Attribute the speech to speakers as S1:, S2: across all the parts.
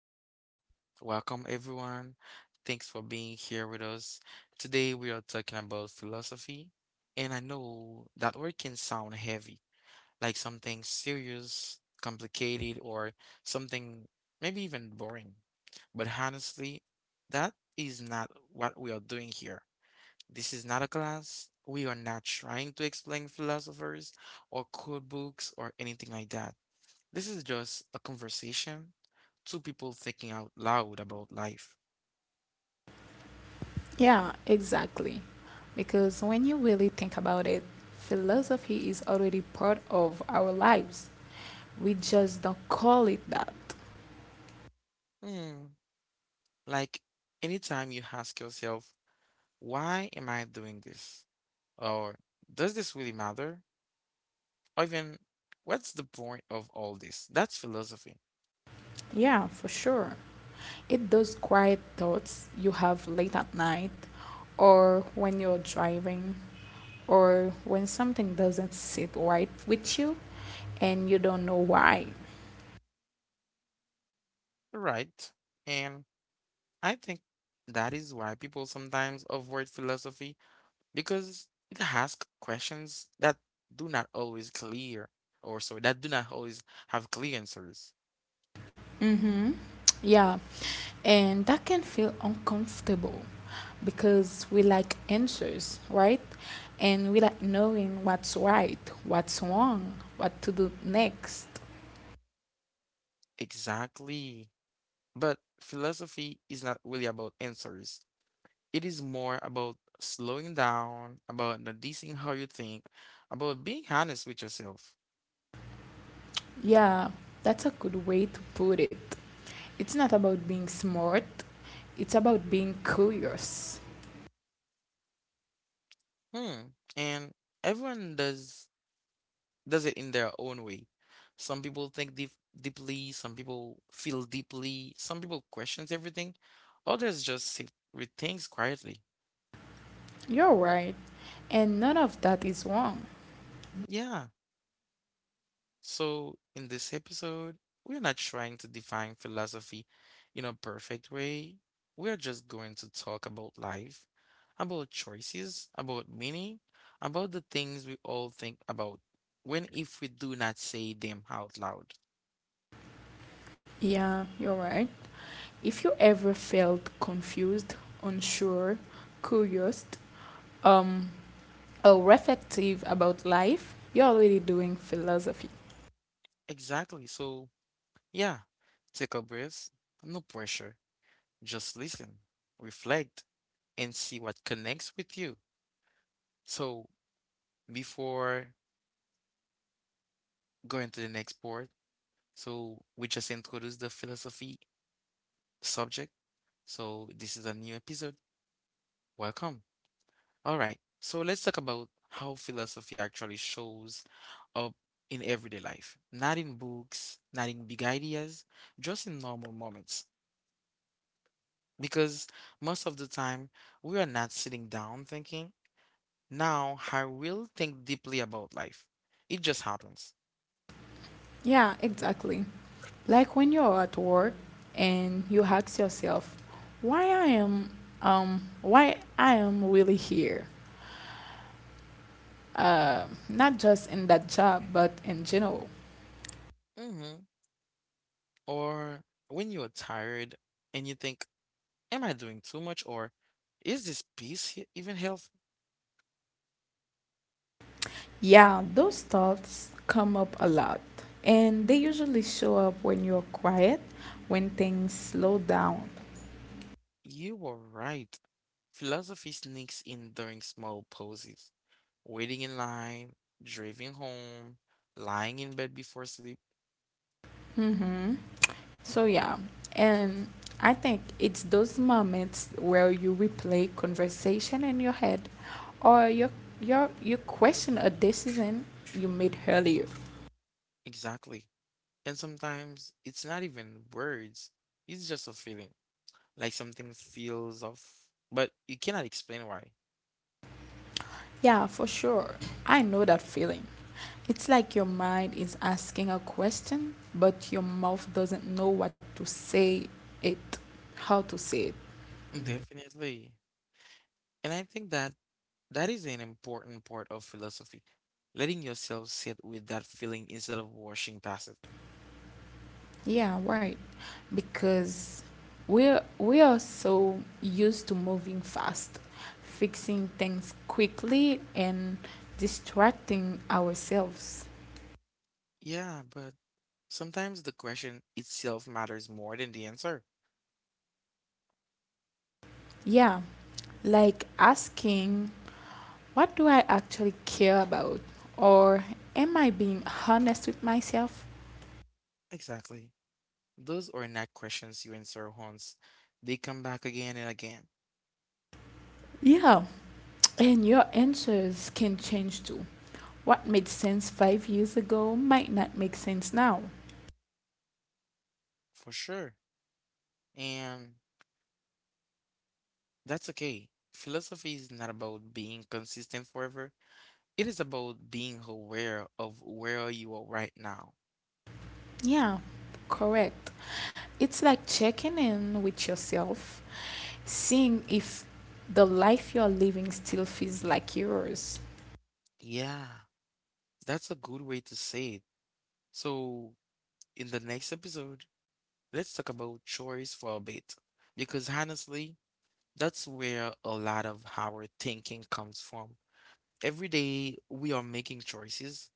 S1: So, welcome everyone. Thanks for being here with us. Today we are talking about philosophy, and I know that word can sound heavy, like something serious, complicated, or something maybe even boring. But honestly, that is not what we are doing here. This is not a class. We are not trying to explain philosophers or code books or anything like that. This is just a conversation, two people thinking out loud about life.
S2: Yeah, exactly. Because when you really think about it, philosophy is already part of our lives. We just don't call it that.
S1: Hmm. Like anytime you ask yourself, why am I doing this? Or does this really matter? Or even, what's the point of all this? That's philosophy,
S2: Yeah, for sure. It those quiet thoughts you have late at night, or when you're driving, or when something doesn't sit right with you and you don't know why.
S1: right? And I think that is why people sometimes avoid philosophy because it asks questions that do not always clear, or sorry, that do not always have clear answers.
S2: Mm-hmm. Yeah, and that can feel uncomfortable because we like answers, right? And we like knowing what's right, what's wrong, what to do next.
S1: Exactly. But philosophy is not really about answers. It is more about slowing down, about noticing how you think, about being honest with yourself.
S2: Yeah, that's a good way to put it. It's not about being smart, it's about being curious.
S1: Hmm. And everyone does it in their own way. Some people deeply, some people feel deeply, some people questions everything, others just sit with things quietly.
S2: You're right. And none of that is wrong.
S1: Yeah. So, in this episode, we're not trying to define philosophy in a perfect way. We're just going to talk about life, about choices, about meaning, about the things we all think about when if we do not say them out loud.
S2: Yeah, you're right. If you ever felt confused, unsure, curious, um, or reflective about life, you're already doing philosophy.
S1: Exactly. So, yeah, take a breath, no pressure. Just listen, reflect, and see what connects with you. So, before going to the next part, so we just introduced the philosophy subject. So this is a new episode. Welcome. All right. So let's talk about how philosophy actually shows up in everyday life. Not in books, not in big ideas, just in normal moments. Because most of the time we are not sitting down thinking, now I will think deeply about life. It just happens.
S2: Yeah, exactly. Like when you're at work and you ask yourself, why I am why I am really here. Not just in that job, but in general.
S1: Hmm. Or when you're tired and you think, am I doing too much, or is this even healthy?
S2: Yeah, those thoughts come up a lot. And they usually show up when you're quiet, when things slow down.
S1: You were right. Philosophy sneaks in during small pauses. Waiting in line, driving home, lying in bed before sleep.
S2: Mm-hmm. So yeah, and I think it's those moments where you replay conversation in your head or you question a decision you made earlier.
S1: Exactly. And sometimes it's not even words, it's just a feeling. Like something feels off, but you cannot explain why.
S2: Yeah, for sure. I know that feeling. It's like your mind is asking a question, but your mouth doesn't know what to say it, how to say it.
S1: Definitely. And I think that is an important part of philosophy. Letting yourself sit with that feeling instead of washing past it.
S2: Yeah, right. Because we are so used to moving fast, fixing things quickly and distracting ourselves.
S1: Yeah, but sometimes the question itself matters more than the answer.
S2: Yeah, like asking, what do I actually care about? Or am I being honest with myself?
S1: Exactly. Those are not questions you answer once. They come back again and again,
S2: Yeah, and your answers can change too. What made sense 5 years ago might not make sense now.
S1: for sure. And that's okay. Philosophy is not about being consistent forever. It is about being aware of where you are right now.
S2: Yeah, correct. It's like checking in with yourself, seeing if the life you're living still feels like yours.
S1: Yeah, that's a good way to say it. So, in the next episode, let's talk about choice for a bit. Because honestly, that's where a lot of our thinking comes from. Every day we are making choices.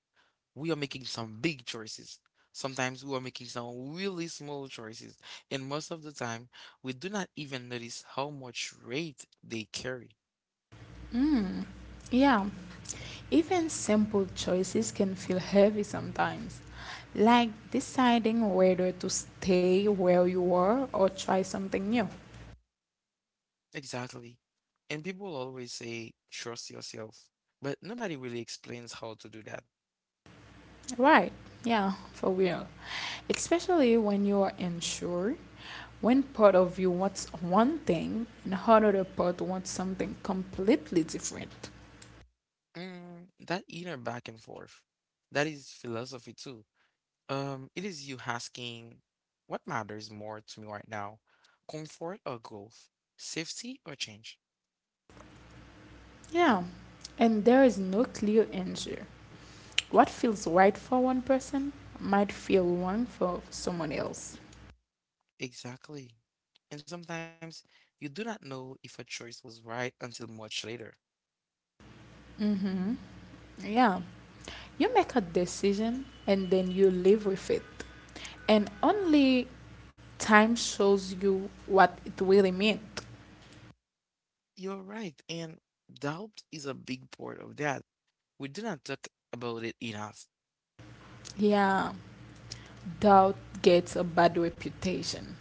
S1: We are making some big choices. Sometimes we are making some really small choices. And most of the time, we do not even notice how much weight they carry.
S2: Mm. Yeah, even simple choices can feel heavy sometimes, like deciding whether to stay where you are or try something new.
S1: Exactly. And people always say, trust yourself. But nobody really explains how to do that.
S2: Right, yeah, for real. Especially when you are unsure, when part of you wants one thing and another part wants something completely different.
S1: Mm, that inner back and forth. That is philosophy too. It is you asking, what matters more to me right now, comfort or growth, safety or change?
S2: Yeah, and there is no clear answer. What feels right for one person might feel wrong for someone else.
S1: Exactly. And sometimes you do not know if a choice was right until much later.
S2: Mm-hmm. Yeah, you make a decision and then you live with it. And only time shows you what it really meant.
S1: You're right, and doubt is a big part of that. We do not talk about it enough.
S2: Yeah, doubt gets a bad reputation.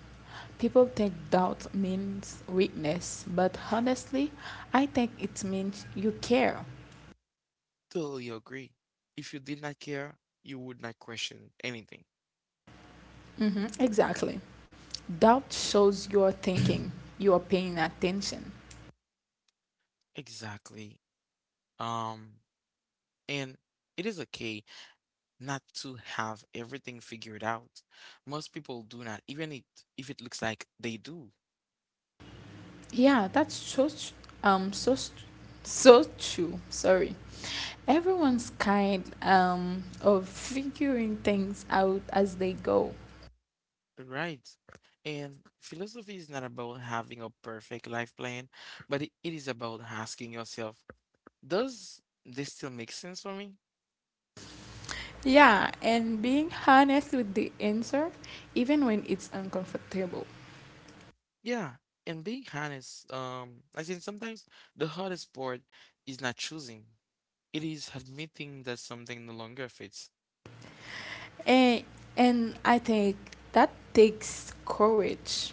S2: People think doubt means weakness, but honestly, I think it means you care.
S1: Totally agree. If you did not care, you would not question anything.
S2: Hmm, exactly. Doubt shows you're thinking, you're paying attention.
S1: Exactly. Um, and it is okay not to have everything figured out. Most people do not, even if it looks like they do,
S2: Yeah, that's so, tr- um, so, st- so true. Sorry. Everyone's kind of figuring things out as they go.
S1: right? And philosophy is not about having a perfect life plan, but it is about asking yourself, does this still make sense for me?
S2: Yeah, and being honest with the answer, even when it's uncomfortable.
S1: Yeah, and being honest, I think sometimes the hardest part is not choosing. It is admitting that something no longer fits.
S2: And, and I think that takes courage.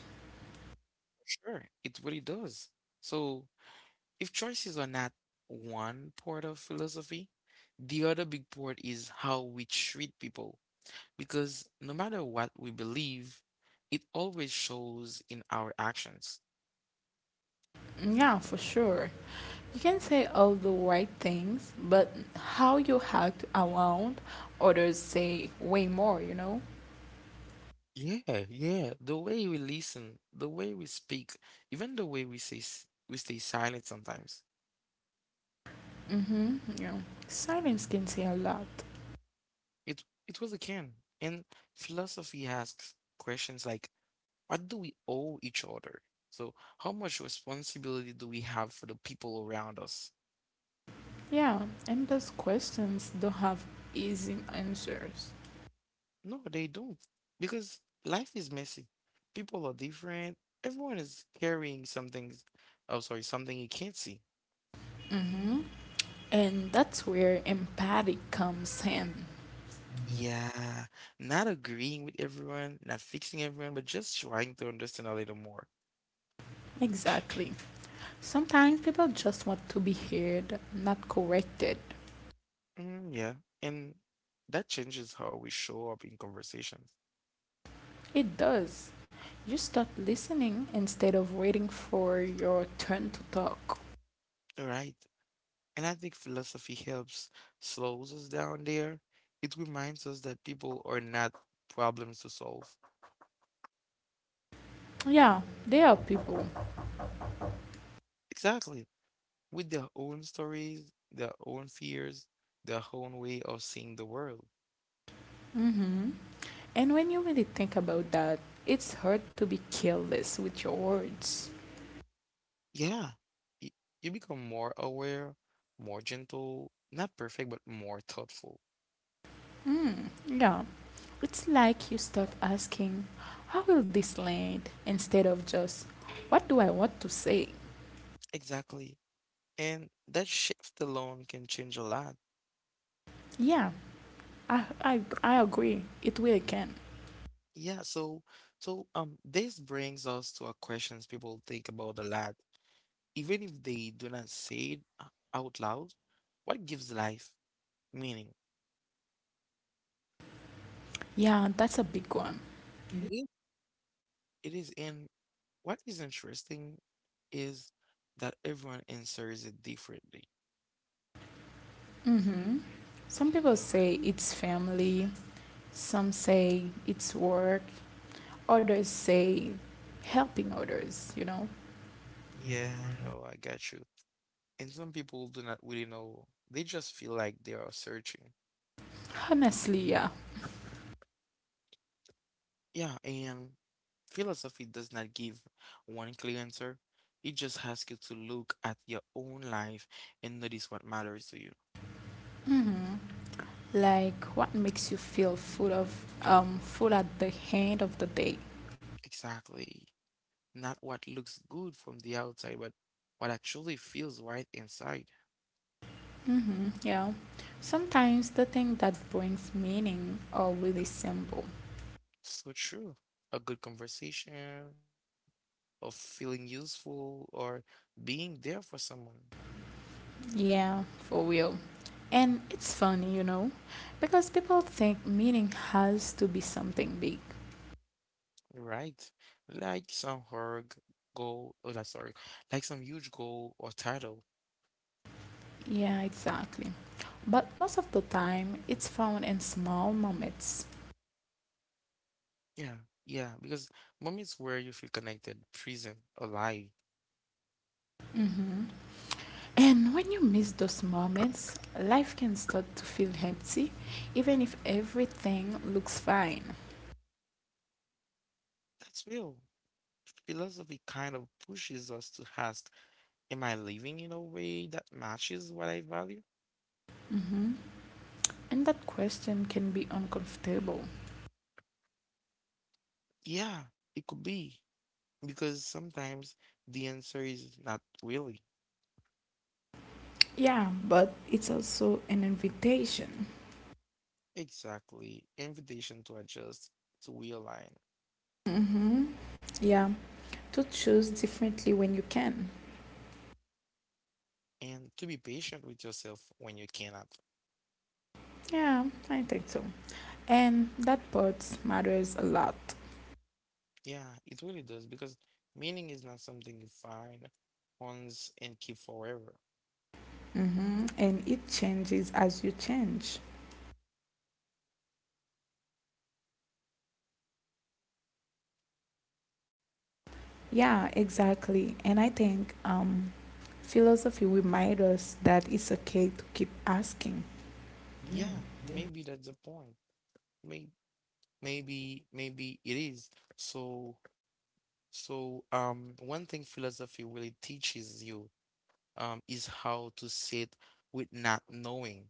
S1: Sure, it really does. So if choices are not one part of philosophy, the other big part is how we treat people. Because no matter what we believe, it always shows in our actions.
S2: Yeah, for sure. You can say all the right things, but how you act around others say way more, you know?
S1: Yeah, yeah. The way we listen, the way we speak, even the way we we stay silent sometimes.
S2: Mm-hmm, yeah. Silence can say a lot.
S1: It really can. And philosophy asks questions like, what do we owe each other? So, how much responsibility do we have for the people around us?
S2: Yeah, and those questions don't have easy answers.
S1: No, they don't. Because life is messy. People are different. Everyone is carrying something. Oh, sorry, something you can't see.
S2: Mm-hmm. And that's where empathy comes in.
S1: Yeah, not agreeing with everyone, not fixing everyone, but just trying to understand a little more.
S2: Exactly. Sometimes people just want to be heard, not corrected.
S1: Mm, yeah, and that changes how we show up in conversations.
S2: It does. You start listening instead of waiting for your turn to talk.
S1: Right. And I think philosophy helps slows us down there. It reminds us that people are not problems to solve.
S2: Yeah, they are people.
S1: Exactly. With their own stories, their own fears, their own way of seeing the world.
S2: Hmm. And when you really think about that, it's hard to be careless with your words.
S1: Yeah, y- you become more aware, more gentle, not perfect, but more thoughtful.
S2: Mm, yeah, it's like you start asking, how will this land? Instead of just, what do I want to say?
S1: Exactly. And that shift alone can change a lot.
S2: Yeah, I agree. It really can.
S1: Yeah, so this brings us to a questions people think about a lot. Even if they do not say it out loud, what gives life meaning?
S2: Yeah, that's a big one.
S1: It is it is in What is interesting is that everyone answers it differently.
S2: Mm-hmm. Some people say it's family, some say it's work, others say helping others, you know?
S1: Yeah, I know, I got you. And some people do not really know. They just feel like they are searching.
S2: Honestly, yeah.
S1: Yeah, and philosophy does not give one clear answer. It just asks you to look at your own life and notice what matters to you.
S2: Mm-hmm. Like what makes you feel full at the end of the day.
S1: Exactly. Not what looks good from the outside, but what actually feels right inside.
S2: Mm-hmm. Yeah. Sometimes the thing that brings meaning are really simple.
S1: So true. A good conversation, of feeling useful, or being there for someone,
S2: Yeah, for real. And it's funny, you know, because people think meaning has to be something big.
S1: right? Like some hard goal, oh, like, sorry, like some huge goal or title.
S2: Yeah, exactly. But most of the time, it's found in small moments.
S1: Yeah, yeah, because moments where you feel connected, present, alive,
S2: Hmm. And when you miss those moments, life can start to feel empty, even if everything looks fine.
S1: that's real. Philosophy kind of pushes us to ask, am I living in a way that matches what I value?
S2: Hmm. And that question can be uncomfortable.
S1: Yeah, it could be, because sometimes the answer is not really.
S2: Yeah, but it's also an invitation.
S1: Exactly. Invitation to adjust, to realign,
S2: Hmm. Yeah, to choose differently when you can.
S1: and to be patient with yourself when you cannot.
S2: Yeah, I think so. And that part matters a lot.
S1: Yeah, it really does because meaning is not something you find once and keep forever.
S2: Mm-hmm. And it changes as you change. Yeah, exactly. And I think philosophy reminds us that it's okay to keep asking.
S1: Yeah, maybe that's the point. May Maybe it is. So one thing philosophy really teaches you is how to sit with not knowing.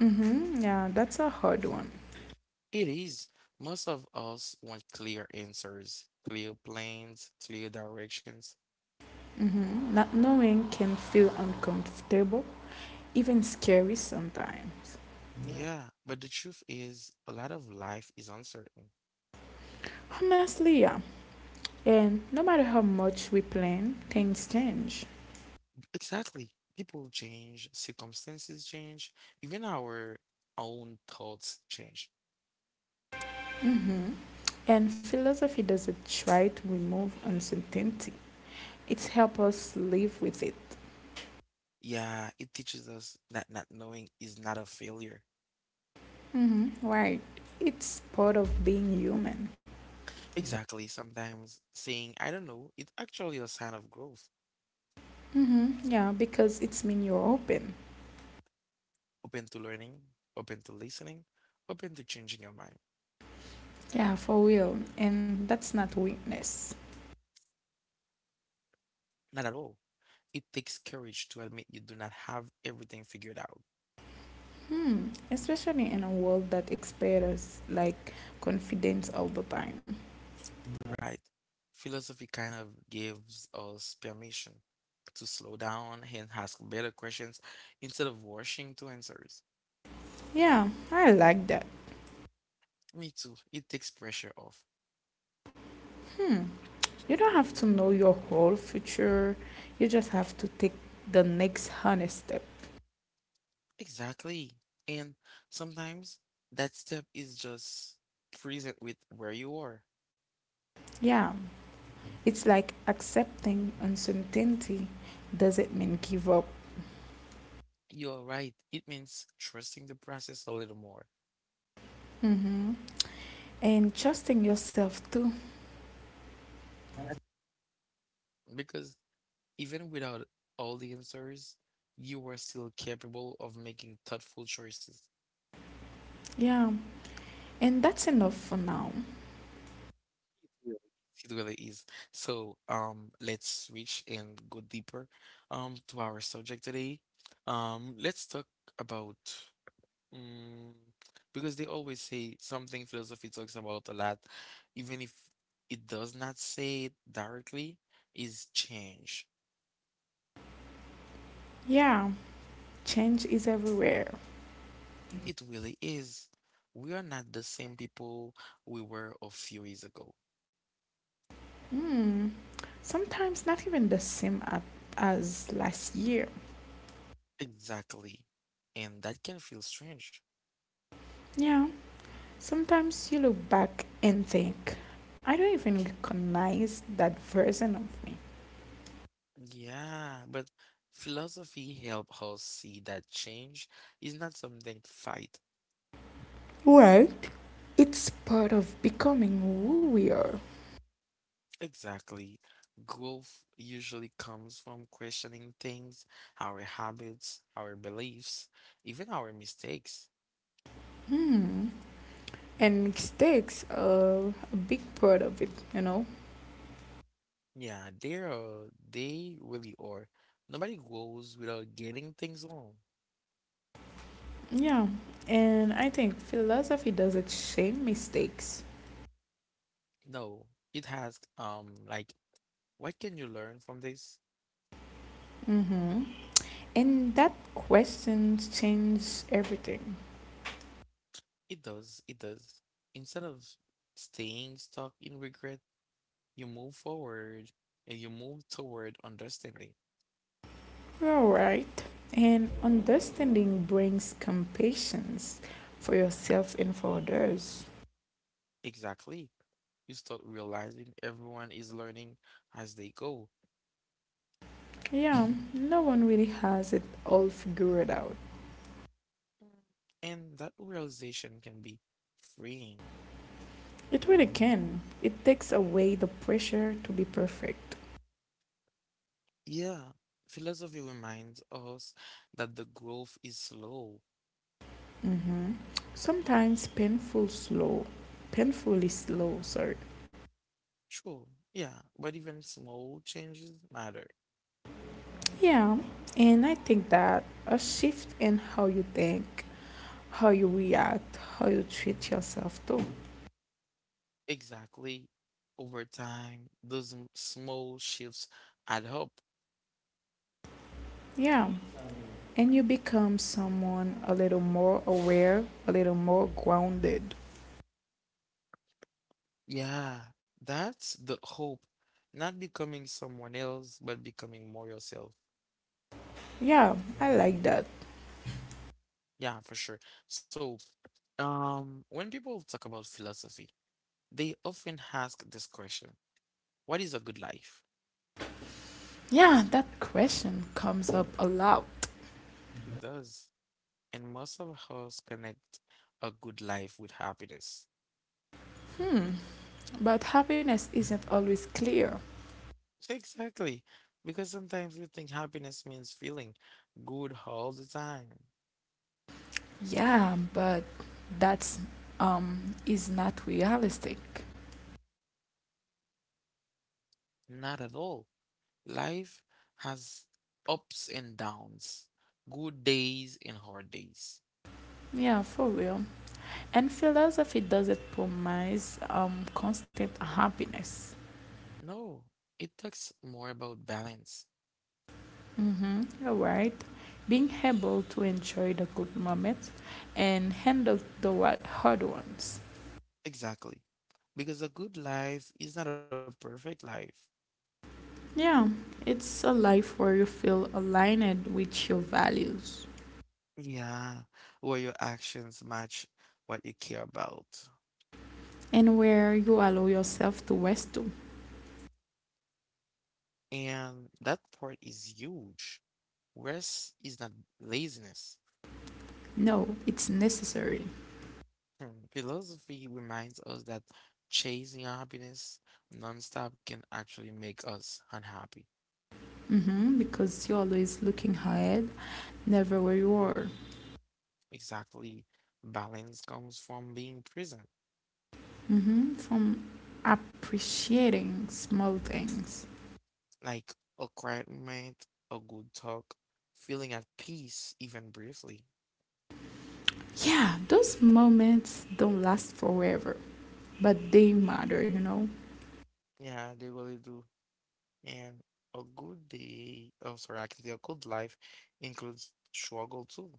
S2: Mm-hmm. Yeah, that's a hard one.
S1: It is. Most of us want clear answers, clear plans, clear directions.
S2: Mm-hmm. Not knowing can feel uncomfortable, even scary sometimes.
S1: Yeah, but the truth is, a lot of life is uncertain.
S2: Honestly, yeah. And no matter how much we plan, things change.
S1: Exactly. People change, circumstances change, even our own thoughts change.
S2: Mhm. And philosophy doesn't try to remove uncertainty, it helps us live with it.
S1: Yeah, it teaches us that not knowing is not a failure.
S2: Hmm, right. It's part of being human.
S1: Exactly. Sometimes saying, I don't know, it's actually a sign of growth.
S2: Hmm. Yeah, because it's mean you're open.
S1: Open to learning, open to listening, open to changing your mind.
S2: Yeah, for real. And that's not weakness.
S1: Not at all. It takes courage to admit you do not have everything figured out,
S2: Hmm. Especially in a world that expects like confidence all the time.
S1: right? Philosophy kind of gives us permission to slow down and ask better questions instead of rushing to answers.
S2: Yeah, I like that.
S1: Me too. It takes pressure off.
S2: Hmm. You don't have to know your whole future, you just have to take the next honest step.
S1: Exactly. And sometimes that step is just present with where you are.
S2: Yeah, it's like accepting uncertainty doesn't mean give up.
S1: You're right. It means trusting the process a little more.
S2: Mm-hmm. And trusting yourself too.
S1: That's because even without all the answers, you are still capable of making thoughtful choices.
S2: Yeah, and that's enough for now.
S1: Really. It really is. So, let's switch and go deeper, to our subject today. Let's talk about, um, because they always say something philosophy talks about a lot, even if it does not say it directly, is change.
S2: Yeah, change is everywhere.
S1: It really is. We are not the same people we were a few years ago.
S2: Hmm, sometimes not even the same at, as last year.
S1: Exactly. And that can feel strange.
S2: Yeah. Sometimes you look back and think, I don't even recognize that version of me.
S1: Yeah, but philosophy help us see that change is not something to fight.
S2: Right. It's part of becoming who we are.
S1: Exactly. Growth usually comes from questioning things, our habits, our beliefs, even our mistakes.
S2: Hmm. And mistakes are a big part of it, you know?
S1: Yeah, they really are. Nobody grows without getting things wrong.
S2: Yeah. And I think philosophy doesn't shame mistakes.
S1: No, it has, like, what can you learn from this?
S2: Mm-hmm. And that question changed everything.
S1: It does. Instead of staying stuck in regret, you move forward and you move toward understanding.
S2: All right. And understanding brings compassion for yourself and for others.
S1: Exactly. You start realizing everyone is learning as they go.
S2: Yeah, no one really has it all figured out.
S1: And that realization can be freeing.
S2: It really can. It takes away the pressure to be perfect.
S1: Yeah, philosophy reminds us that the growth is slow.
S2: Hmm. Sometimes painful slow, painfully slow, sorry.
S1: True, yeah, but even small changes matter.
S2: Yeah, and I think that a shift in how you think, how you react, how you treat yourself too.
S1: Exactly. Over time, those small shifts add up.
S2: Yeah, and you become someone a little more aware, a little more grounded.
S1: Yeah, that's the hope. Not becoming someone else, but becoming more yourself.
S2: Yeah, I like that.
S1: Yeah, for sure. So, when people talk about philosophy, they often ask this question, what is a good life?
S2: Yeah, that question comes up a lot.
S1: It does. And most of us connect a good life with happiness.
S2: Hmm, but happiness isn't always clear.
S1: Exactly. Because sometimes we think happiness means feeling good all the time.
S2: Yeah, but that's is not realistic.
S1: Not at all. Life has ups and downs, good days and hard days.
S2: Yeah, for real. And philosophy doesn't promise constant happiness.
S1: No, it talks more about balance.
S2: Mm-hmm. All right. Being able to enjoy the good moments and handle the wa- hard ones.
S1: Exactly. Because a good life is not a perfect life.
S2: Yeah, it's a life where you feel aligned with your values
S1: Yeah, where your actions match what you care about.
S2: and where you allow yourself to rest too.
S1: And that part is huge. Rest is not laziness.
S2: No, it's necessary.
S1: Philosophy reminds us that chasing happiness nonstop can actually make us unhappy.
S2: Hmm. Because you're always looking ahead, never where you are.
S1: Exactly. Balance comes from being present,
S2: Hmm. From appreciating small things.
S1: like a quiet moment, a good talk, feeling at peace, even briefly.
S2: Yeah, those moments don't last forever, but they matter, you know.
S1: Yeah, they really do. And a good day, oh, sorry, actually, a good life includes struggle too.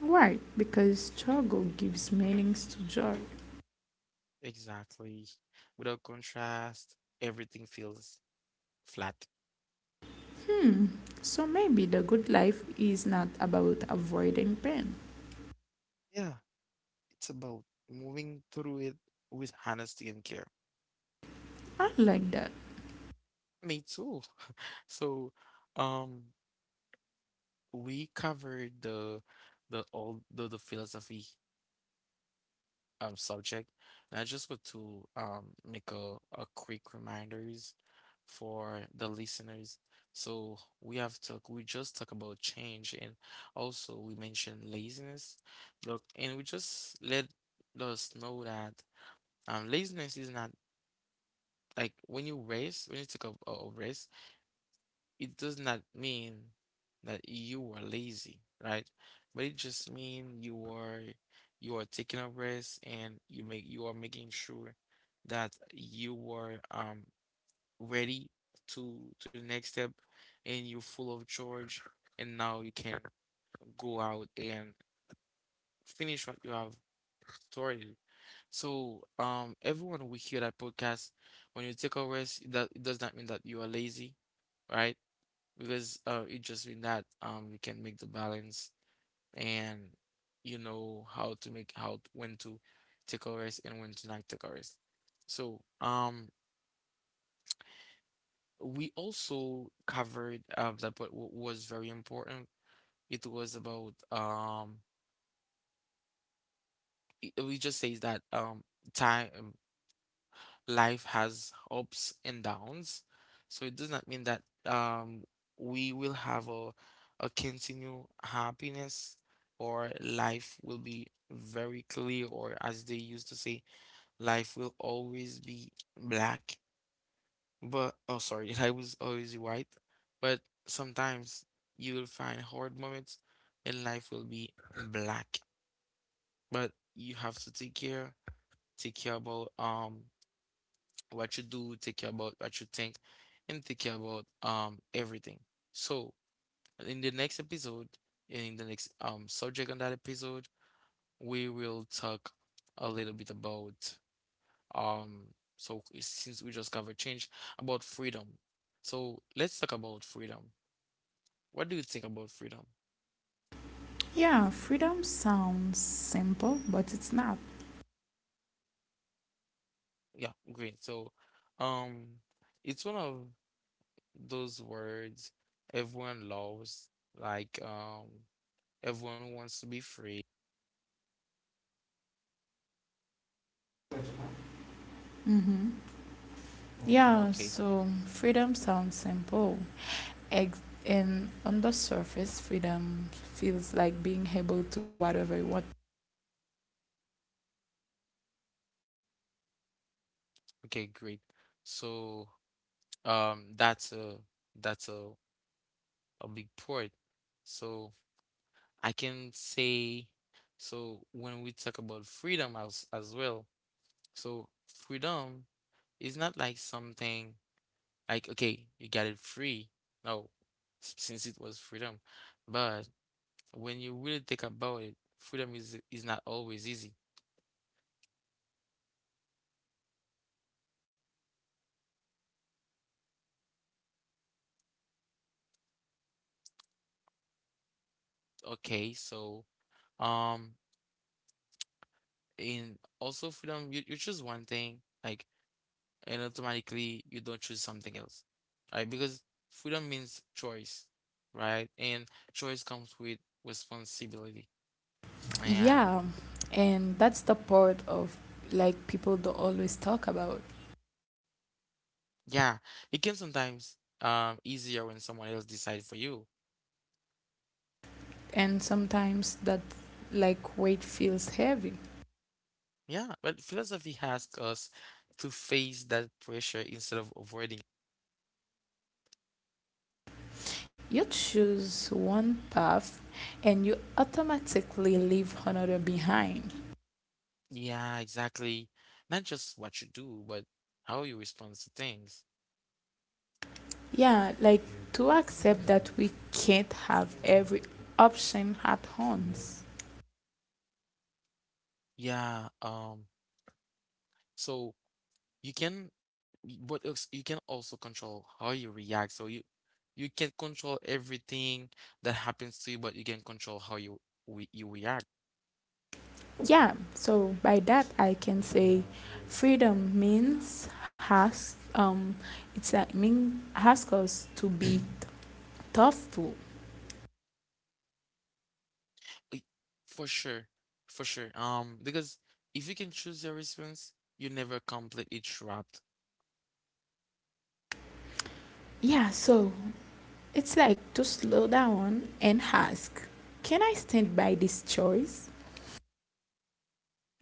S2: Why? Because struggle gives meanings to joy.
S1: Exactly. Without contrast, everything feels flat.
S2: Hmm, so maybe the good life is not about avoiding pain.
S1: Yeah. It's about moving through it with honesty and care.
S2: I like that.
S1: Me too. So, um, we covered the philosophy subject, and I just want to make a quick reminders for the listeners. So we have talk. We just talk about change and also we mentioned laziness. Look, and we just let us know that laziness is not. Like when you race, when you take a race, it does not mean that you are lazy, right? But it just means you are taking a risk and you are making sure that you are ready to the next step and you're full of charge and now you can go out and finish what you have started. So, everyone will hear that podcast. When you take a rest, it does not mean that you are lazy, right? Because it just means that you can make the balance and you know how to make how when to take a rest and when to not take a rest. So, we also covered that what was very important. It was about it, we just says that time. Life has ups and downs. So it does not mean that we will have a continued happiness or life will be very clear, or as they used to say, life will always be black. But oh sorry, life was always white. But sometimes you will find hard moments and life will be black. But you have to take care about what you do, take care about what you think, and take care about everything. So in the next episode, in the next subject on that episode, we will talk a little bit about um so since we just covered change, about freedom. So let's talk about freedom. What do you think about freedom?
S2: Yeah, freedom sounds simple, but it's not.
S1: Yeah, great. So um it's one of those words everyone loves, like everyone wants to be free.
S2: Mm-hmm. Yeah,
S1: Okay.
S2: so freedom sounds simple. Ex- and on the surface, freedom feels like being able to do whatever you want.
S1: Okay, great. So, that's a that's a big part. So I can say, so when we talk about freedom as well, so freedom is not like something like okay, you got it free. No, since it was freedom, but when you really think about it, freedom is not always easy. Okay, so um, and also freedom, you choose one thing, like, and automatically you don't choose something else, right? Because freedom means choice, right? And choice comes with responsibility. And
S2: Yeah, and that's the part of like people don't always talk about.
S1: yeah, it can sometimes easier when someone else decides for you.
S2: And sometimes that like weight feels heavy.
S1: Yeah, but philosophy asks us to face that pressure instead of avoiding.
S2: You choose one path and you automatically leave another behind.
S1: Yeah, exactly. Not just what you do, but how you respond to things.
S2: Yeah, like to accept that we can't have every option at once.
S1: Yeah, so you can what else you can also control how you react, so you can control everything that happens to you, but you can control how you react.
S2: Yeah, so by that I can say freedom means has it's a mean ask us to be tough too.
S1: I- for sure, for sure, because if you can choose your response you're never completely trapped.
S2: Yeah, so it's like to slow down and ask, can I stand by this choice?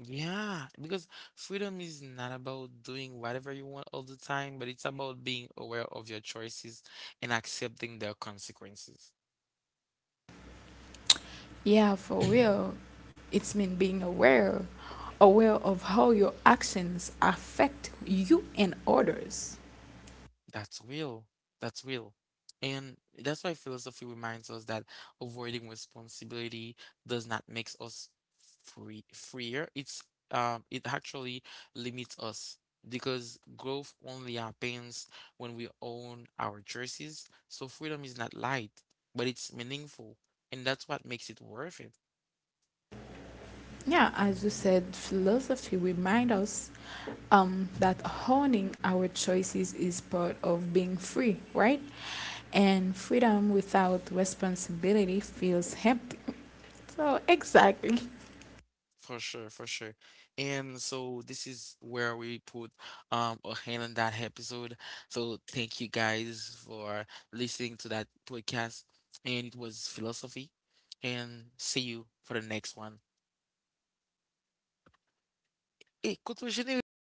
S1: Yeah, because freedom is not about doing whatever you want all the time, but it's about being aware of your choices and accepting their consequences.
S2: Yeah, for real. It's mean being aware, aware of how your actions affect you and others.
S1: That's real. That's real. And that's why philosophy reminds us that avoiding responsibility does not make us freer. It's it actually limits us because growth only happens when we own our choices. So freedom is not light, but it's meaningful, and that's what makes it worth it.
S2: Yeah, as you said, philosophy reminds us that honing our choices is part of being free, right? And freedom without responsibility feels empty. So, exactly.
S1: For sure, for sure. And so this is where we put a hand on that episode. So thank you guys for listening to that podcast. And it was philosophy. And see you for the next one. Hey, continue, Richard.